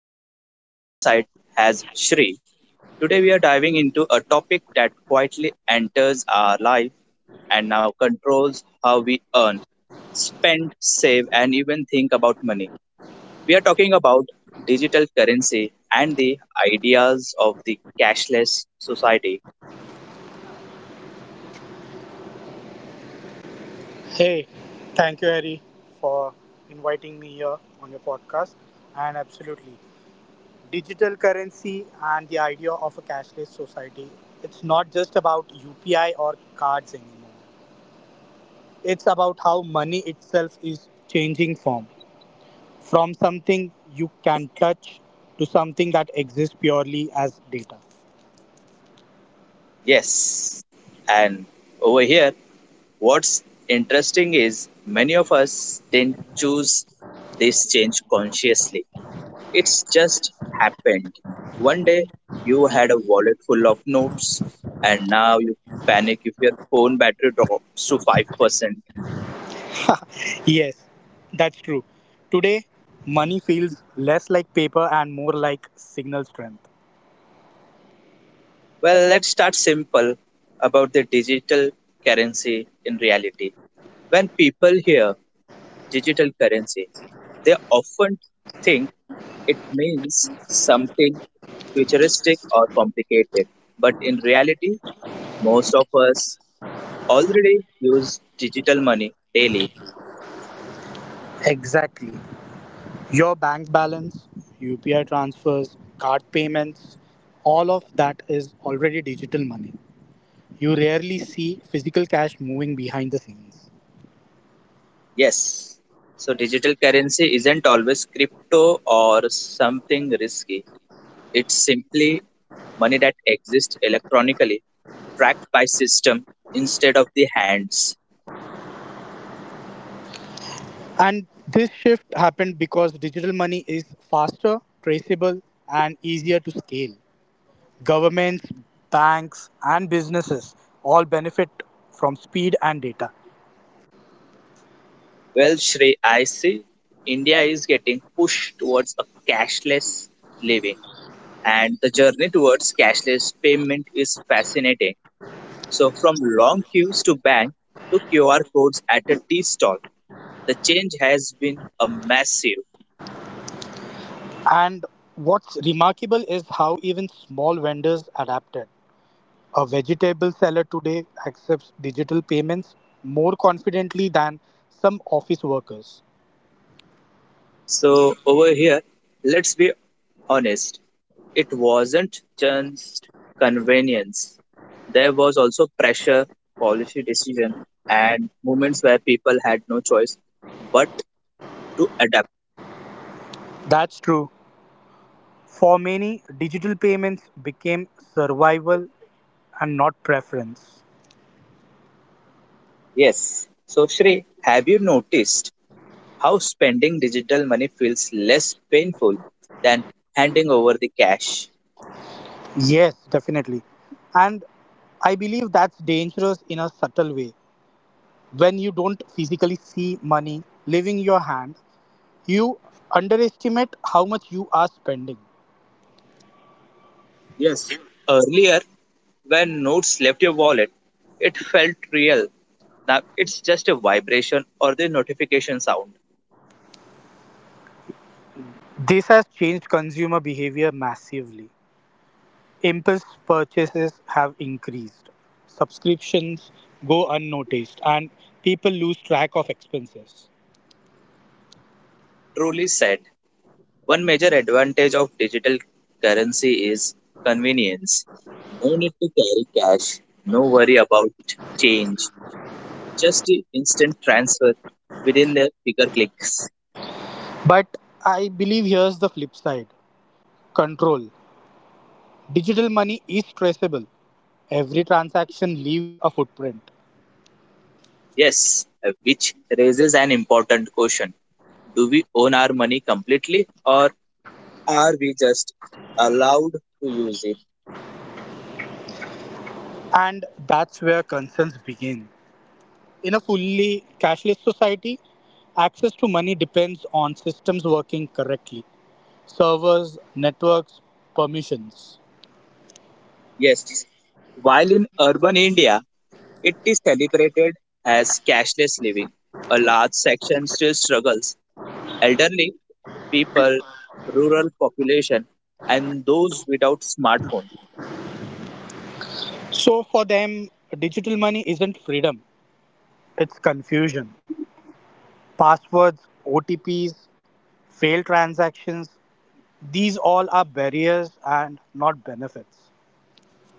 we have on the other side has Shri. Today, we are diving into a topic that quietly enters our life and now controls how we earn, spend, save, and even think about money. We are talking about digital currency and the ideas of the cashless society. Hey, thank you, Harry, for inviting me here on your podcast. And absolutely, digital currency and the idea of a cashless society, it's not just about UPI or cards anymore. It's about how money itself is changing form from something you can touch to something that exists purely as data. Yes, and over here, what's interesting is many of us didn't choose this change consciously. It's just happened. One day you had a wallet full of notes and now you panic if your phone battery drops to 5%. Yes, that's true. Today, money feels less like paper and more like signal strength. Well, let's start simple about the digital currency in reality. When people hear digital currency, they often think it means something futuristic or complicated. But in reality, most of us already use digital money daily. Exactly. Your bank balance, UPI transfers, card payments, all of that is already digital money. You rarely see physical cash moving behind the scenes. Yes. So digital currency isn't always crypto or something risky. It's simply money that exists electronically, tracked by system instead of the hands. And this shift happened because digital money is faster, traceable, and easier to scale. Governments, banks, and businesses all benefit from speed and data. Well, Shri, I see India is getting pushed towards a cashless living, and the journey towards cashless payment is fascinating. So, from long queues to bank to QR codes at a tea stall, the change has been a massive. And what's remarkable is how even small vendors adapted. A vegetable seller today accepts digital payments more confidently than some office workers. So, over here, let's be honest, it wasn't just convenience. There was also pressure, policy decision, and moments where people had no choice but to adapt. That's true. For many, digital payments became survival and not preference. Yes. So, Shri, have you noticed how spending digital money feels less painful than handing over the cash? Yes, definitely. And I believe that's dangerous in a subtle way. When you don't physically see money leaving your hand, you underestimate how much you are spending. Yes. Earlier, when notes left your wallet, it felt real. Now it's just a vibration or the notification sound. This has changed consumer behavior massively. Impulse purchases have increased. Subscriptions go unnoticed and people lose track of expenses. Truly said, one major advantage of digital currency is convenience. No need to carry cash, no worry about change, just the instant transfer within the bigger clicks. But I believe here's the flip side control. Digital money is traceable. Every transaction leaves a footprint. Yes, which raises an important question. Do we own our money completely or are we just allowed to use it? And that's where concerns begin. In a fully cashless society, access to money depends on systems working correctly servers, networks, permissions. Yes, while in urban India it is celebrated as cashless living, a large section still struggles. Elderly people, rural population, and those without smartphone. So for them, digital money isn't freedom, it's confusion. Passwords, OTPs, failed transactions, these all are barriers and not benefits.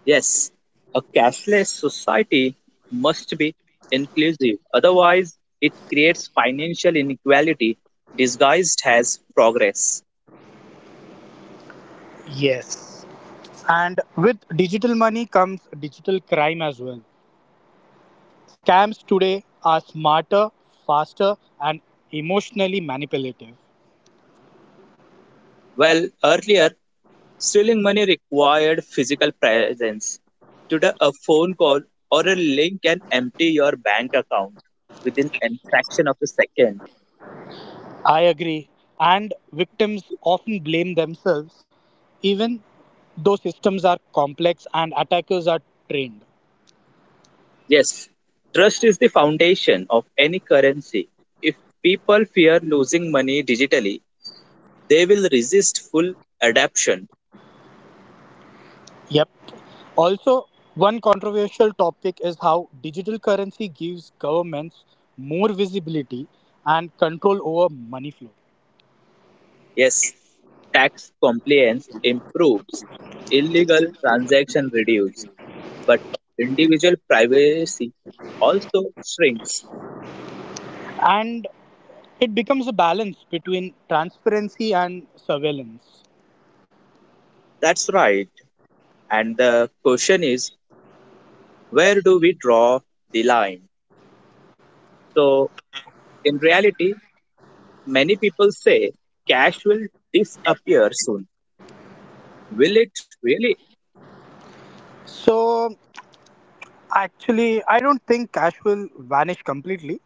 Yes, a cashless society must be inclusive, otherwise, it creates financial inequality disguised as progress. Yes. And with digital money comes digital crime as well. Scams today are smarter, faster, and emotionally manipulative. Well, earlier, stealing money required physical presence. Today, a phone call or a link can empty your bank account within a fraction of a second. I agree. And victims often blame themselves, even though systems are complex and attackers are trained. Yes, trust is the foundation of any currency. If people fear losing money digitally, they will resist full adoption. Yep. Also, one controversial topic is how digital currency gives governments more visibility and control over money flow. Yes, tax compliance improves, illegal transaction reduce, but individual privacy also shrinks. And it becomes a balance between transparency and surveillance. That's right. And the question is, where do we draw the line? So, in reality, many people say cash will disappear soon. Will it really? So, actually, I don't think cash will vanish completely,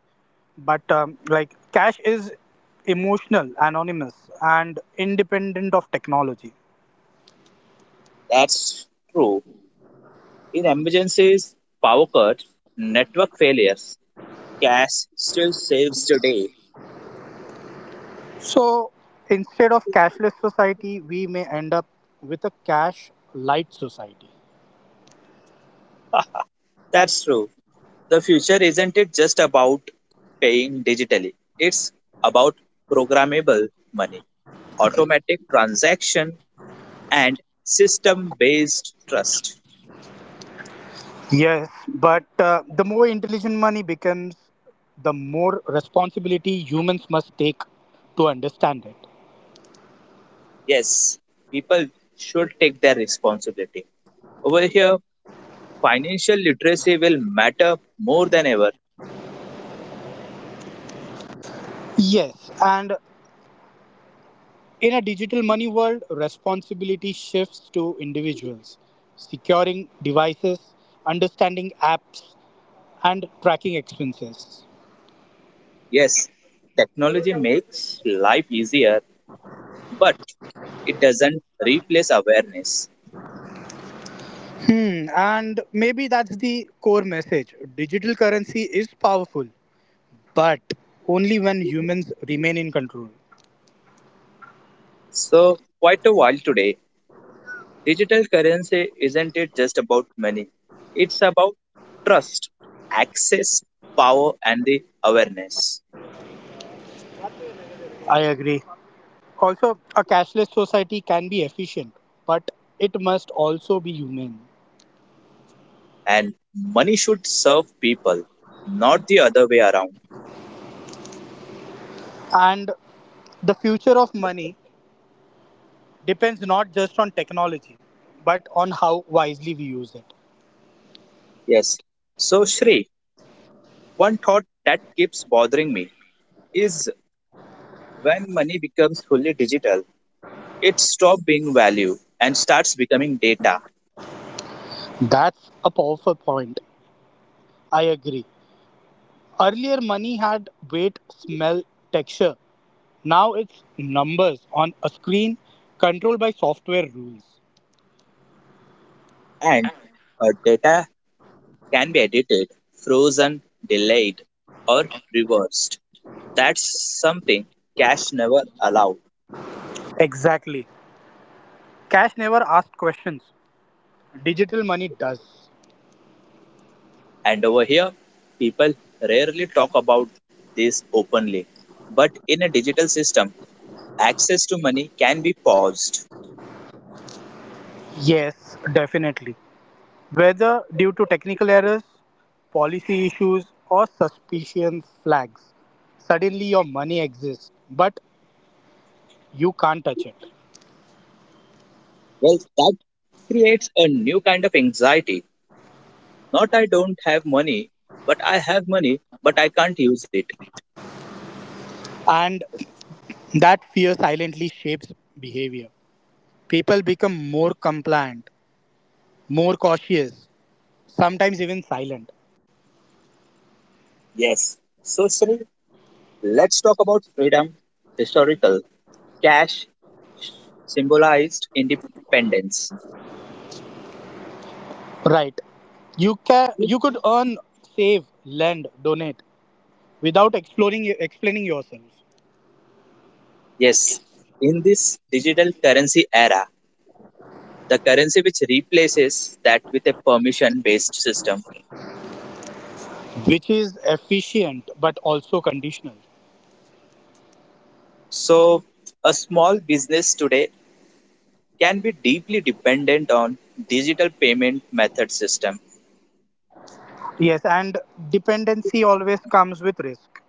but like cash is emotional anonymous and independent of technology. That's true. In emergencies, power cuts, network failures, cash still saves today. So instead of cashless society we may end up with a cash light society. That's true. The future isn't it just about paying digitally. It's about programmable money, automatic transaction and system-based trust. Yes, but the more intelligent money becomes, the more responsibility humans must take to understand it. Yes, people should take their responsibility. Over here, financial literacy will matter more than ever. Yes, and in a digital money world, responsibility shifts to individuals. Securing devices, understanding apps, and tracking expenses. Yes, technology makes life easier, but it doesn't replace awareness. And maybe that's the core message. Digital currency is powerful, but only when humans remain in control. So, quite a while today, digital currency isn't it just about money? It's about trust, access, power, and the awareness. I agree. Also, a cashless society can be efficient, but it must also be humane. And money should serve people, not the other way around. And the future of money depends not just on technology, but on how wisely we use it. Yes. So, Shri, one thought that keeps bothering me is when money becomes fully digital, it stops being value and starts becoming data. That's a powerful point. I agree. Earlier, money had weight, smell, texture. Now it's numbers on a screen controlled by software rules. And data can be edited, frozen, delayed, or reversed. That's something cash never allowed. Exactly. Cash never asked questions. Digital money does. And over here, people rarely talk about this openly. But in a digital system, access to money can be paused. Yes, definitely. Whether due to technical errors, policy issues, or suspicion flags, suddenly your money exists, but you can't touch it. Well, that creates a new kind of anxiety. Not I don't have money, but I have money, but I can't use it. And that fear silently shapes behavior. People become more compliant, more cautious, sometimes even silent. Yes. So, Sri, let's talk about freedom, historical, cash, symbolized independence. Right. You could earn, save, lend, donate without exploring explaining yourself, Yes, in this digital currency era, the currency which replaces that with a permission based system. which is efficient but also conditional. So, a small business today can be deeply dependent on digital payment method system. Yes, and dependency always comes with risk.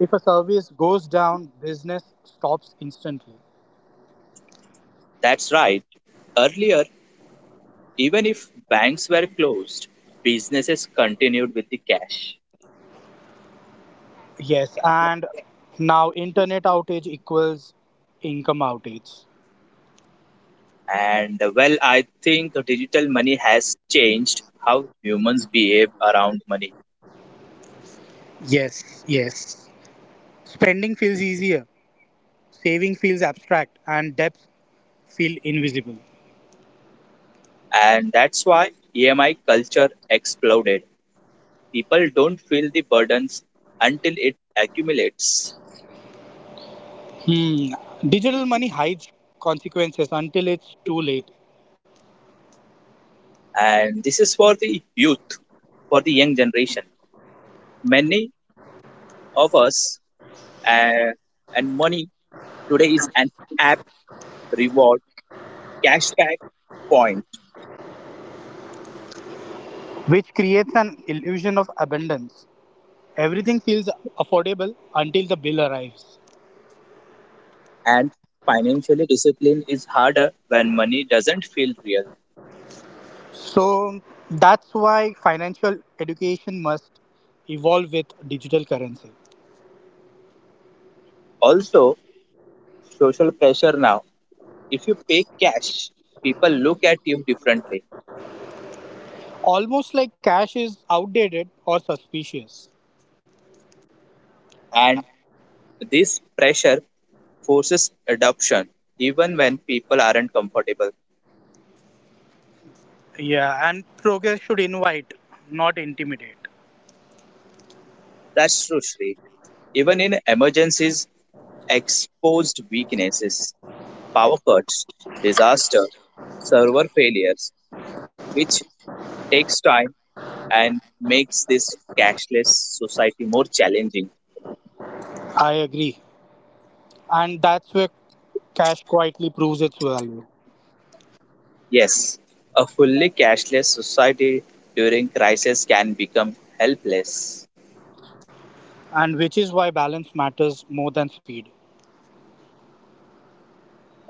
If a service goes down, business stops instantly. That's right. Earlier, even if banks were closed, businesses continued with the cash. Yes, and now internet outage equals income outage. And well, I think digital money has changed how humans behave around money. Yes. Spending feels easier, saving feels abstract, and debts feel invisible. And that's why EMI culture exploded. People don't feel the burdens until it accumulates. Hmm. Digital money hides consequences until it's too late, And this is for the youth, for the young generation. Many of us uh, and money today is an app reward, cashback, point, which creates an illusion of abundance. Everything feels affordable until the bill arrives. and financially discipline is harder when money doesn't feel real. So that's why financial education must evolve with digital currency. Also, social pressure now. If you pay cash, people look at you differently Almost like cash is outdated or suspicious. and this pressure forces adoption even when people aren't comfortable. Yeah, and progress should invite, not intimidate. That's true, Shri. Even in emergencies, exposed weaknesses, power cuts, disaster, server failures, which takes time and makes this cashless society more challenging. I agree. And that's where cash quietly proves its value. Yes, a fully cashless society during crisis can become helpless. And which is why balance matters more than speed.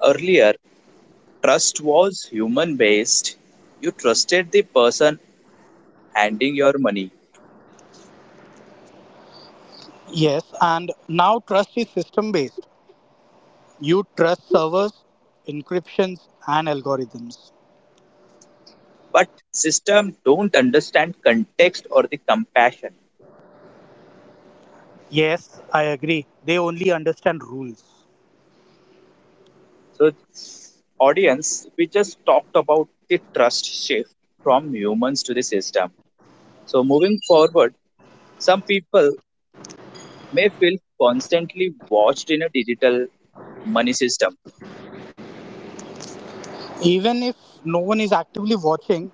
Earlier, trust was human based. You trusted the person handing your money. Yes, and now trust is system based. You trust servers, encryptions, and algorithms. But system don't understand context or the compassion. Yes, I agree. They only understand rules. So audience, we just talked about the trust shift from humans to the system. So moving forward, some people may feel constantly watched in a digital money system. Even if no one is actively watching,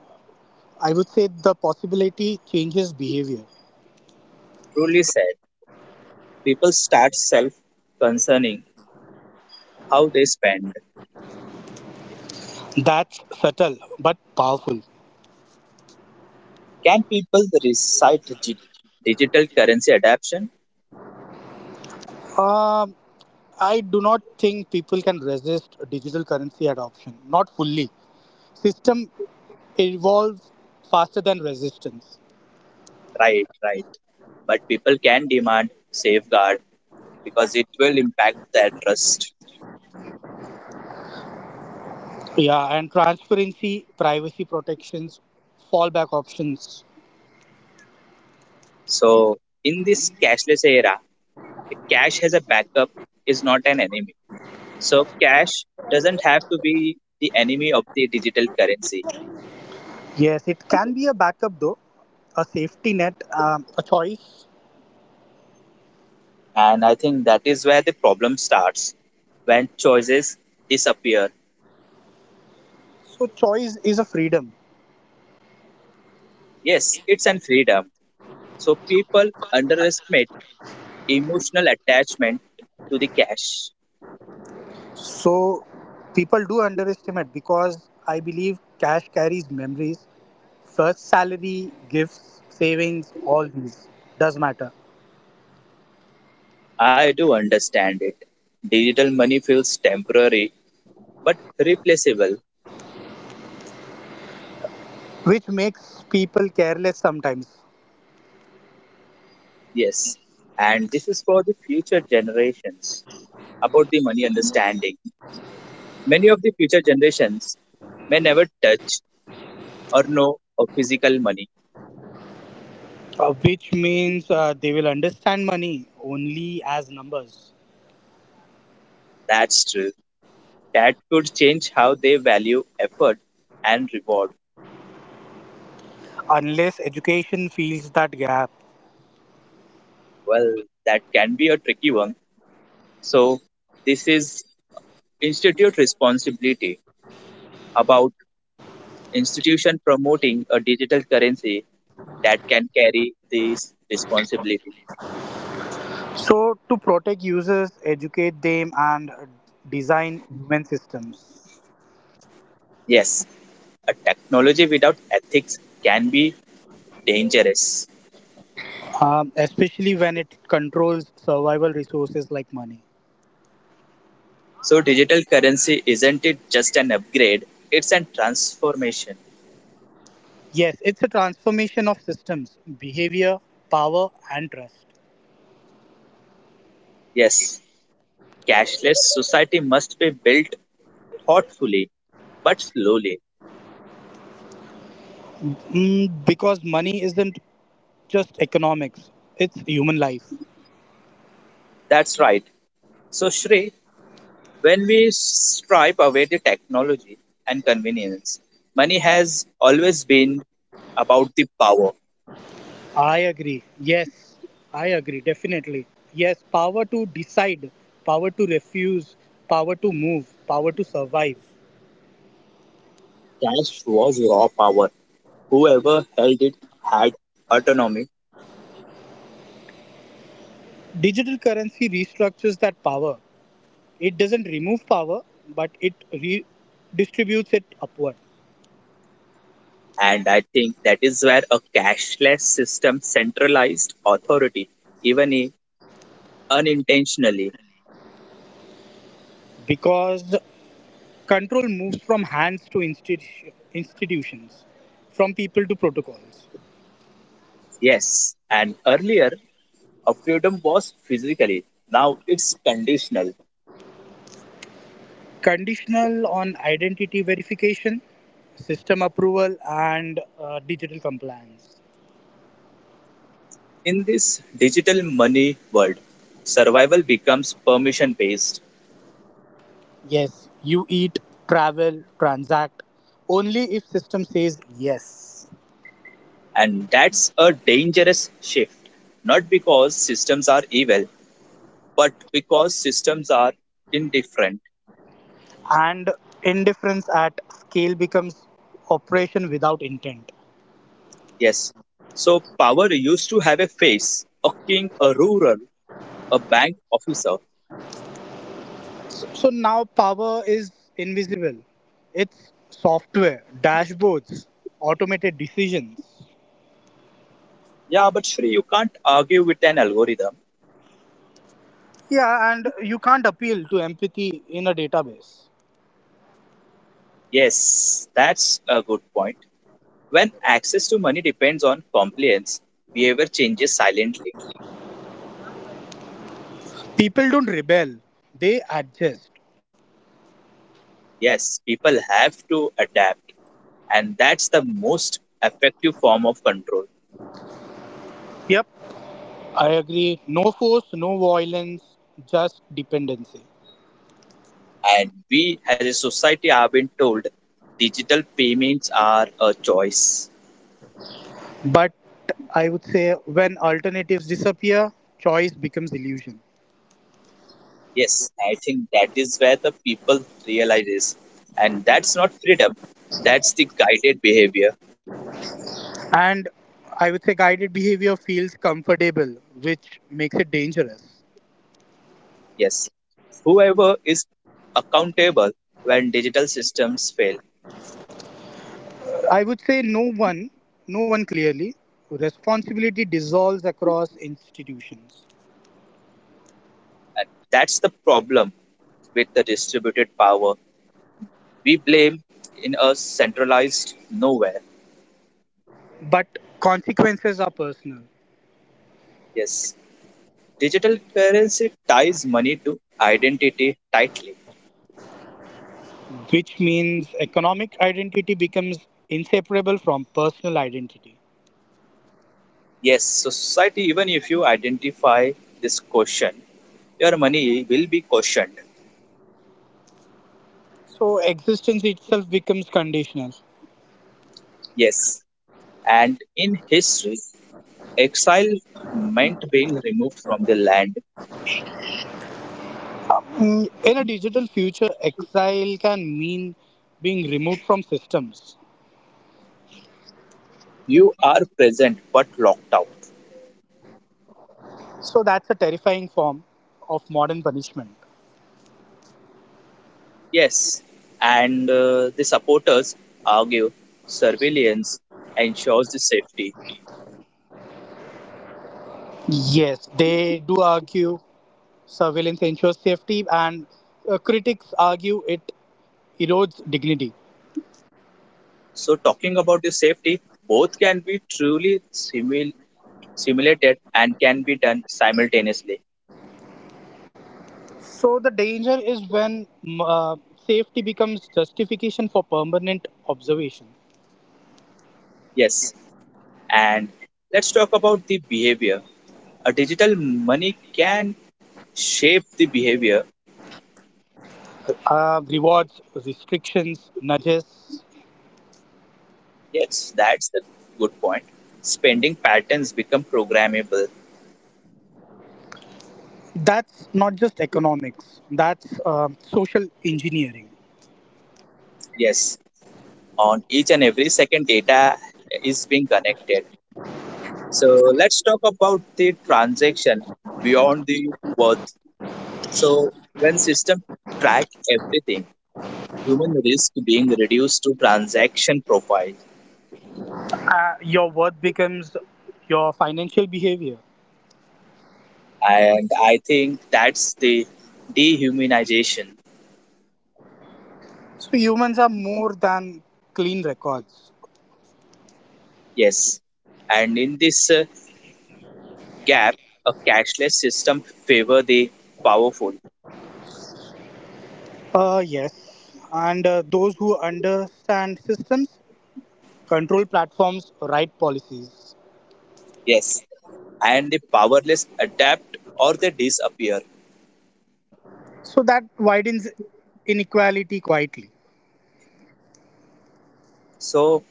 I would say the possibility changes behavior. Truly said, people start self concerning how they spend. That's subtle but powerful. Can people recite digital currency adaptation? Um, I do not think people can resist digital currency adoption, not fully. System evolves faster than resistance. Right, right, but people can demand safeguard because it will impact their trust. Yeah, and transparency, privacy protections, fallback options. So in this cashless era, cash as a backup is not an enemy. So cash doesn't have to be the enemy of the digital currency. Yes, it can be a backup though, a safety net, a choice. And I think that is where the problem starts when choices disappear. So choice is a freedom. Yes, it's an freedom. So people underestimate emotional attachment to the cash. So people do underestimate because I believe cash carries memories. First salary, gifts, savings, all these does matter, I do understand it. Digital money feels temporary but replaceable. which makes people careless sometimes. Yes. And this is for the future generations about the money understanding. Many of the future generations may never touch or know of physical money. Which means they will understand money only as numbers, That's true. That could change how they value effort and reward. unless education fills that gap. Well, that can be a tricky one. So, this is institute responsibility about institution promoting a digital currency that can carry this responsibility. So to protect users, educate them, and design human systems, Yes, a technology without ethics can be dangerous. Especially when it controls survival resources like money. So, digital currency isn't it just an upgrade, it's a transformation. Yes, it's a transformation of systems, behavior, power, and trust. Yes, cashless society must be built thoughtfully but slowly. Because money isn't just economics, it's human life. That's right. So, Shri, when we stripe away the technology and convenience, money has always been about the power. I agree. Definitely. Yes, power to decide, power to refuse, power to move, power to survive. Cash was raw power. Whoever held it had autonomy. Digital currency restructures that power. It doesn't remove power, but it redistributes it upward. And I think that is where a cashless system centralized authority, even unintentionally. Because control moves from institutions, from people to protocols. Yes. And earlier, a freedom was physically. Now it's conditional. Conditional on identity verification, system approval, and digital compliance. In this digital money world, survival becomes permission based. Yes, you eat, travel, transact only if system says yes. And that's a dangerous shift. Not because systems are evil, but because systems are indifferent. And indifference at scale becomes operation without intent. Yes. So power used to have a face, a king, a ruler, a bank officer. So now power is invisible. It's software, dashboards, automated decisions. Yeah, but Shri, you can't argue with an algorithm. Yeah, and you can't appeal to empathy in a database. Yes, that's a good point. When access to money depends on compliance, behavior changes silently. People don't rebel, they adjust. Yes, people have to adapt, and that's the most effective form of control. Yep, I agree. No force, no violence, just dependency. And we as a society have been told digital payments are a choice. But I would say when alternatives disappear, choice becomes illusion. Yes, I think that is where the people realizes, and that's not freedom, that's the guided behavior. And I would say guided behavior feels comfortable, which makes it dangerous. Yes, whoever is accountable when digital systems fail. I would say no one clearly, responsibility dissolves across institutions. And that's the problem with the distributed power. We blame in a centralized nowhere. But consequences are personal, Yes, digital currency ties money to identity tightly. which means economic identity becomes inseparable from personal identity. Yes, society, even if you identify this question, your money will be cautioned. So existence itself becomes conditional. Yes, and in history, exile meant being removed from the land. In a digital future, exile can mean being removed from systems. You are present but locked out. So that's a terrifying form of modern punishment. Yes, and the supporters argue surveillance ensures the safety. Yes, they do argue surveillance ensures safety, and critics argue it erodes dignity. So, talking about the safety, both can be truly simulated and can be done simultaneously. So the danger is when m- uh, safety becomes justification for permanent observation. Yes, and let's talk about the behavior. A digital money can shape the behavior. Rewards, restrictions, nudges. Yes, that's the good point. Spending patterns become programmable. That's not just economics. That's social engineering. Yes, on each and every second, data is being connected. So let's talk about the transaction beyond the worth. So when system track everything, human risk being reduced to transaction profile, Your worth becomes your financial behavior. and I think that's the dehumanization. So humans are more than clean records. Yes, and in this gap, a cashless system favor the powerful. Yes, and those who understand systems control platforms, write policies. Yes, and the powerless adapt or they disappear. So that widens inequality quietly. So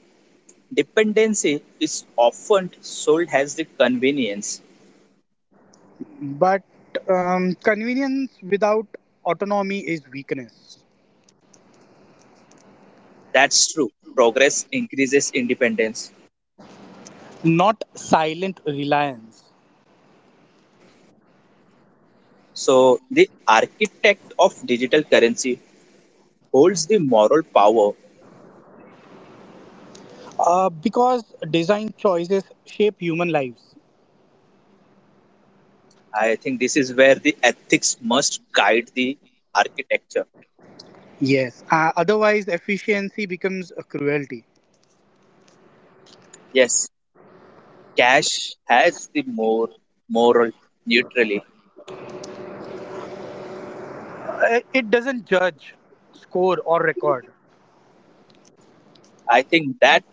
dependency is often sold as the convenience. But convenience without autonomy is weakness, That's true. Progress increases independence. not silent reliance. So the architect of digital currency holds the moral power. Because design choices shape human lives. I think this is where the ethics must guide the architecture. Yes, otherwise, efficiency becomes a cruelty. Yes, cash has the more moral neutrality. It doesn't judge, score, or record. I think that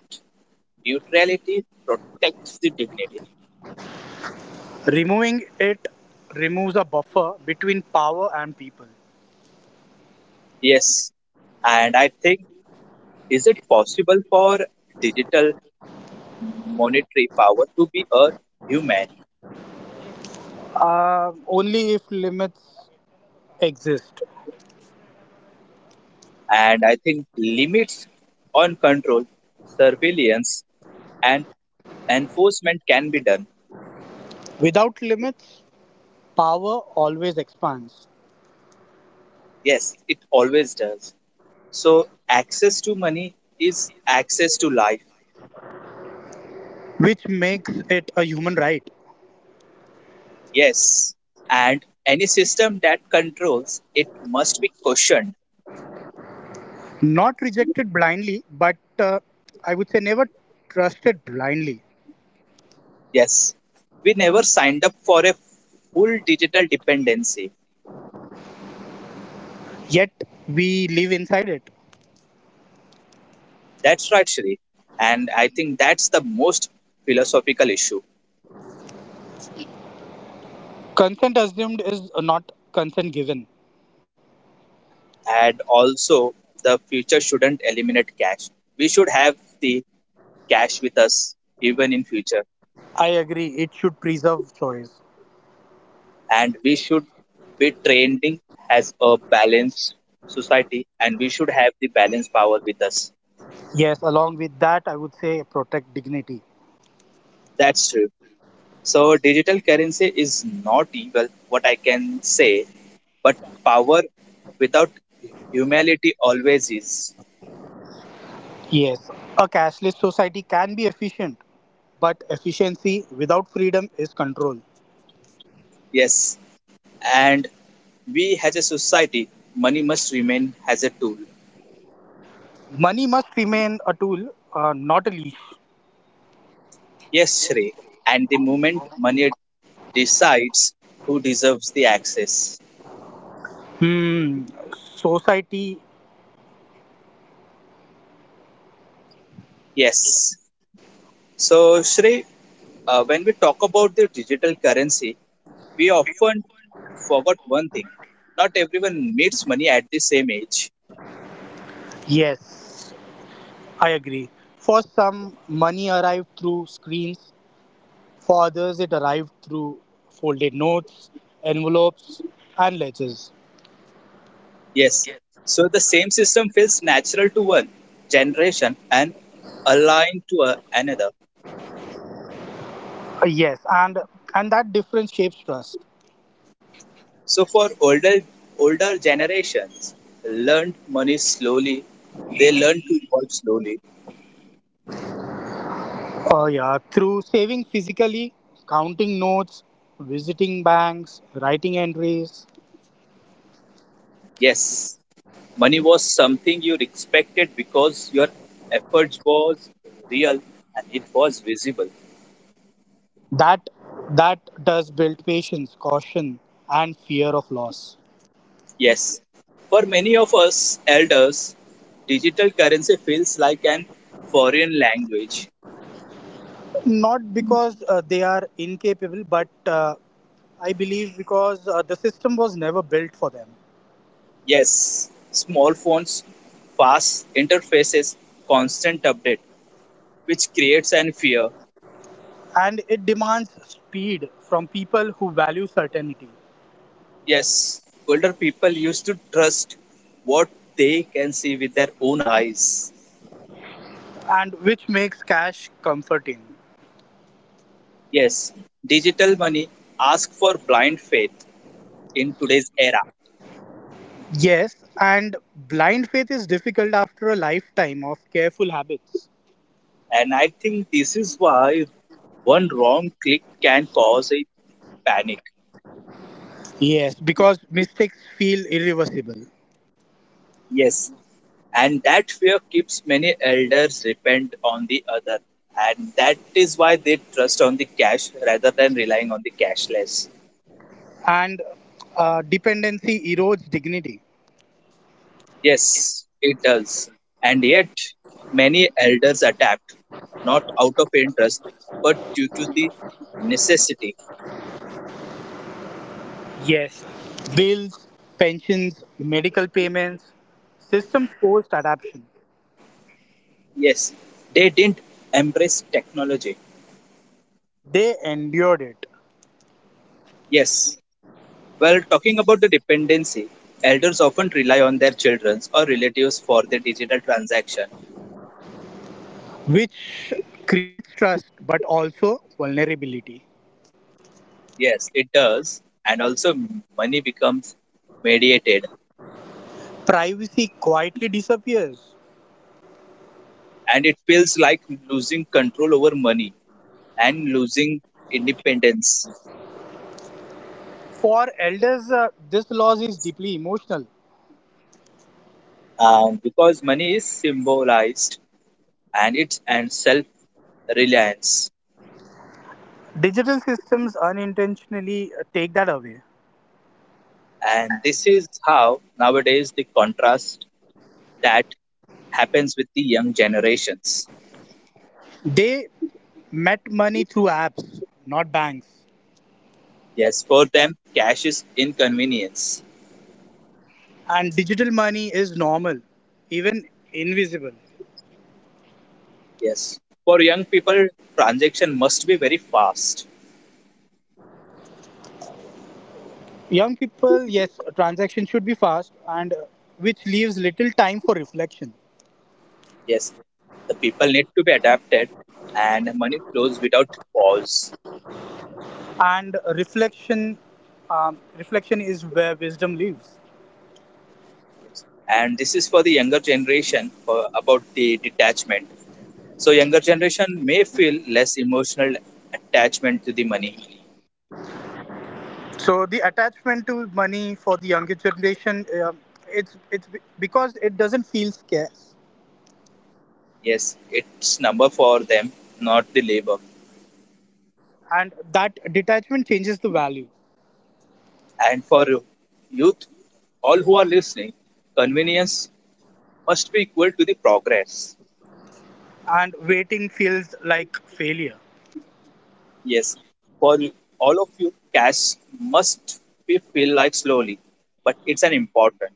neutrality protects the dignity. Removing it removes a buffer between power and people. Yes, and I think is it possible for digital monetary power to be a human? Only if limits exist. And I think limits on control, surveillance, and enforcement can be done. Without limits, power always expands, Yes, it always does. So, access to money is access to life. which makes it a human right. Yes. And any system that controls it must be questioned. Not rejected blindly, but I would say never trusted blindly. Yes. We never signed up for a full digital dependency. Yet we live inside it. That's right, Shri. And I think that's the most philosophical issue. Consent assumed is not consent given. And also the future shouldn't eliminate cash, we should have the cash with us even in future, I agree, it should preserve choice. and we should be trending as a balanced society and we should have the balance power with us. Yes, along with that, I would say protect dignity. That's true. So digital currency is not evil what I can say, but power without humanity always is. Yes, a cashless society can be efficient, but efficiency without freedom is control. Yes, and we as a society, money must remain as a tool. Money must remain a tool, not a leash. Yes, Shrey. And the moment money decides who deserves the access. Hmm, society, Yes. So, Shrey, when we talk about the digital currency, we often forgot one thing. Not everyone meets money at the same age. yes, I agree. For some, money arrived through screens, for others, it arrived through folded notes, envelopes, and ledgers. Yes. So, the same system feels natural to one generation and aligned to another. Yes, and that difference shapes trust. So, for older generations, learned money slowly. They learn to evolve slowly. Oh, yeah, through saving physically, counting notes, visiting banks, writing entries. Yes. Money was something you expected because your efforts was real and it was visible. That that does build patience, caution, and fear of loss. Yes, for many of us elders, digital currency feels like an foreign language. Not because they are incapable, but I believe because the system was never built for them. Yes, small phones, fast interfaces, constant update, which creates an fear. And it demands speed from people who value certainty, Yes, older people used to trust what they can see with their own eyes. and which makes cash comforting. Yes, digital money asks for blind faith in today's era. Yes, and blind faith is difficult after a lifetime of careful habits. And I think this is why one wrong click can cause a panic. Yes, because mistakes feel irreversible, Yes, and that fear keeps many elders depend on the other. And that is why they trust on the cash rather than relying on the cashless. and dependency erodes dignity. Yes, it does. And yet, many elders adapt, not out of interest, but due to the necessity. Yes, bills, pensions, medical payments, systems forced adaptation. Yes, they didn't embrace technology. They endured it, Yes. Well, talking about the dependency, elders often rely on their children or relatives for their digital transaction. which creates trust but also vulnerability. Yes, it does. And also, money becomes mediated. Privacy quietly disappears. And it feels like losing control over money and losing independence. For elders, this loss is deeply emotional. Because money is symbolized and it's and self reliance. Digital systems unintentionally take that away. And this is how nowadays the contrast that happens with the young generations. They met money through apps, not banks. Yes, for them, cash is inconvenience. And digital money is normal, even invisible. Yes. For young people, transaction must be very fast. Young people, yes, transactions should be fast and which leaves little time for reflection. Yes. The people need to be adapted and money flows without pause. And reflection, reflection is where wisdom lives. Yes. And this is for the younger generation for, about the detachment. So younger generation may feel less emotional attachment to the money. So the attachment to money for the younger generation, because it doesn't feel scarce, Yes, it's number for them, not the labor. and that detachment changes the value. And for youth, all who are listening, convenience must be equal to the progress. And waiting feels like failure. Yes, for all of you, cash must be feel like slowly, but it's an important.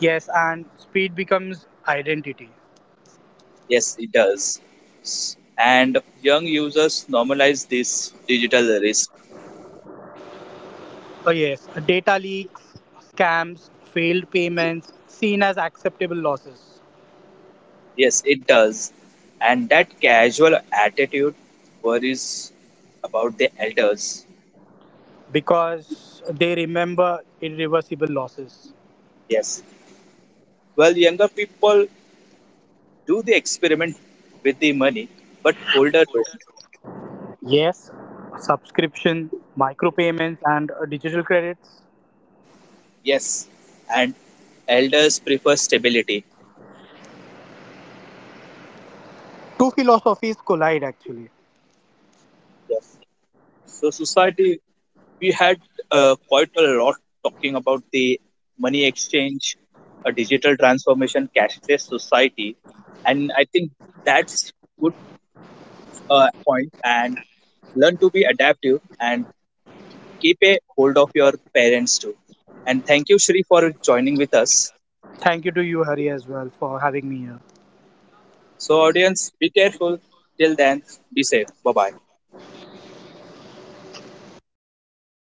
Yes, and speed becomes identity. Yes, it does. And young users normalize this digital risk. Yes, data leaks, scams, failed payments, seen as acceptable losses Yes, it does. And that casual attitude worries about the elders. because they remember irreversible losses. Yes. Well, younger people do the experiment with the money, but older don't. Yes, subscription, micropayments, and digital credits. Yes. And elders prefer stability. Two philosophies collide actually. Yes. So, society, we had quite a lot talking about the money exchange, a digital transformation, cashless society, and I think that's good point. And learn to be adaptive and keep a hold of your parents too. And thank you, Shri, for joining with us. Thank you to you, Hari, as well, for having me here. So, audience, be careful. Till then, be safe. Bye bye.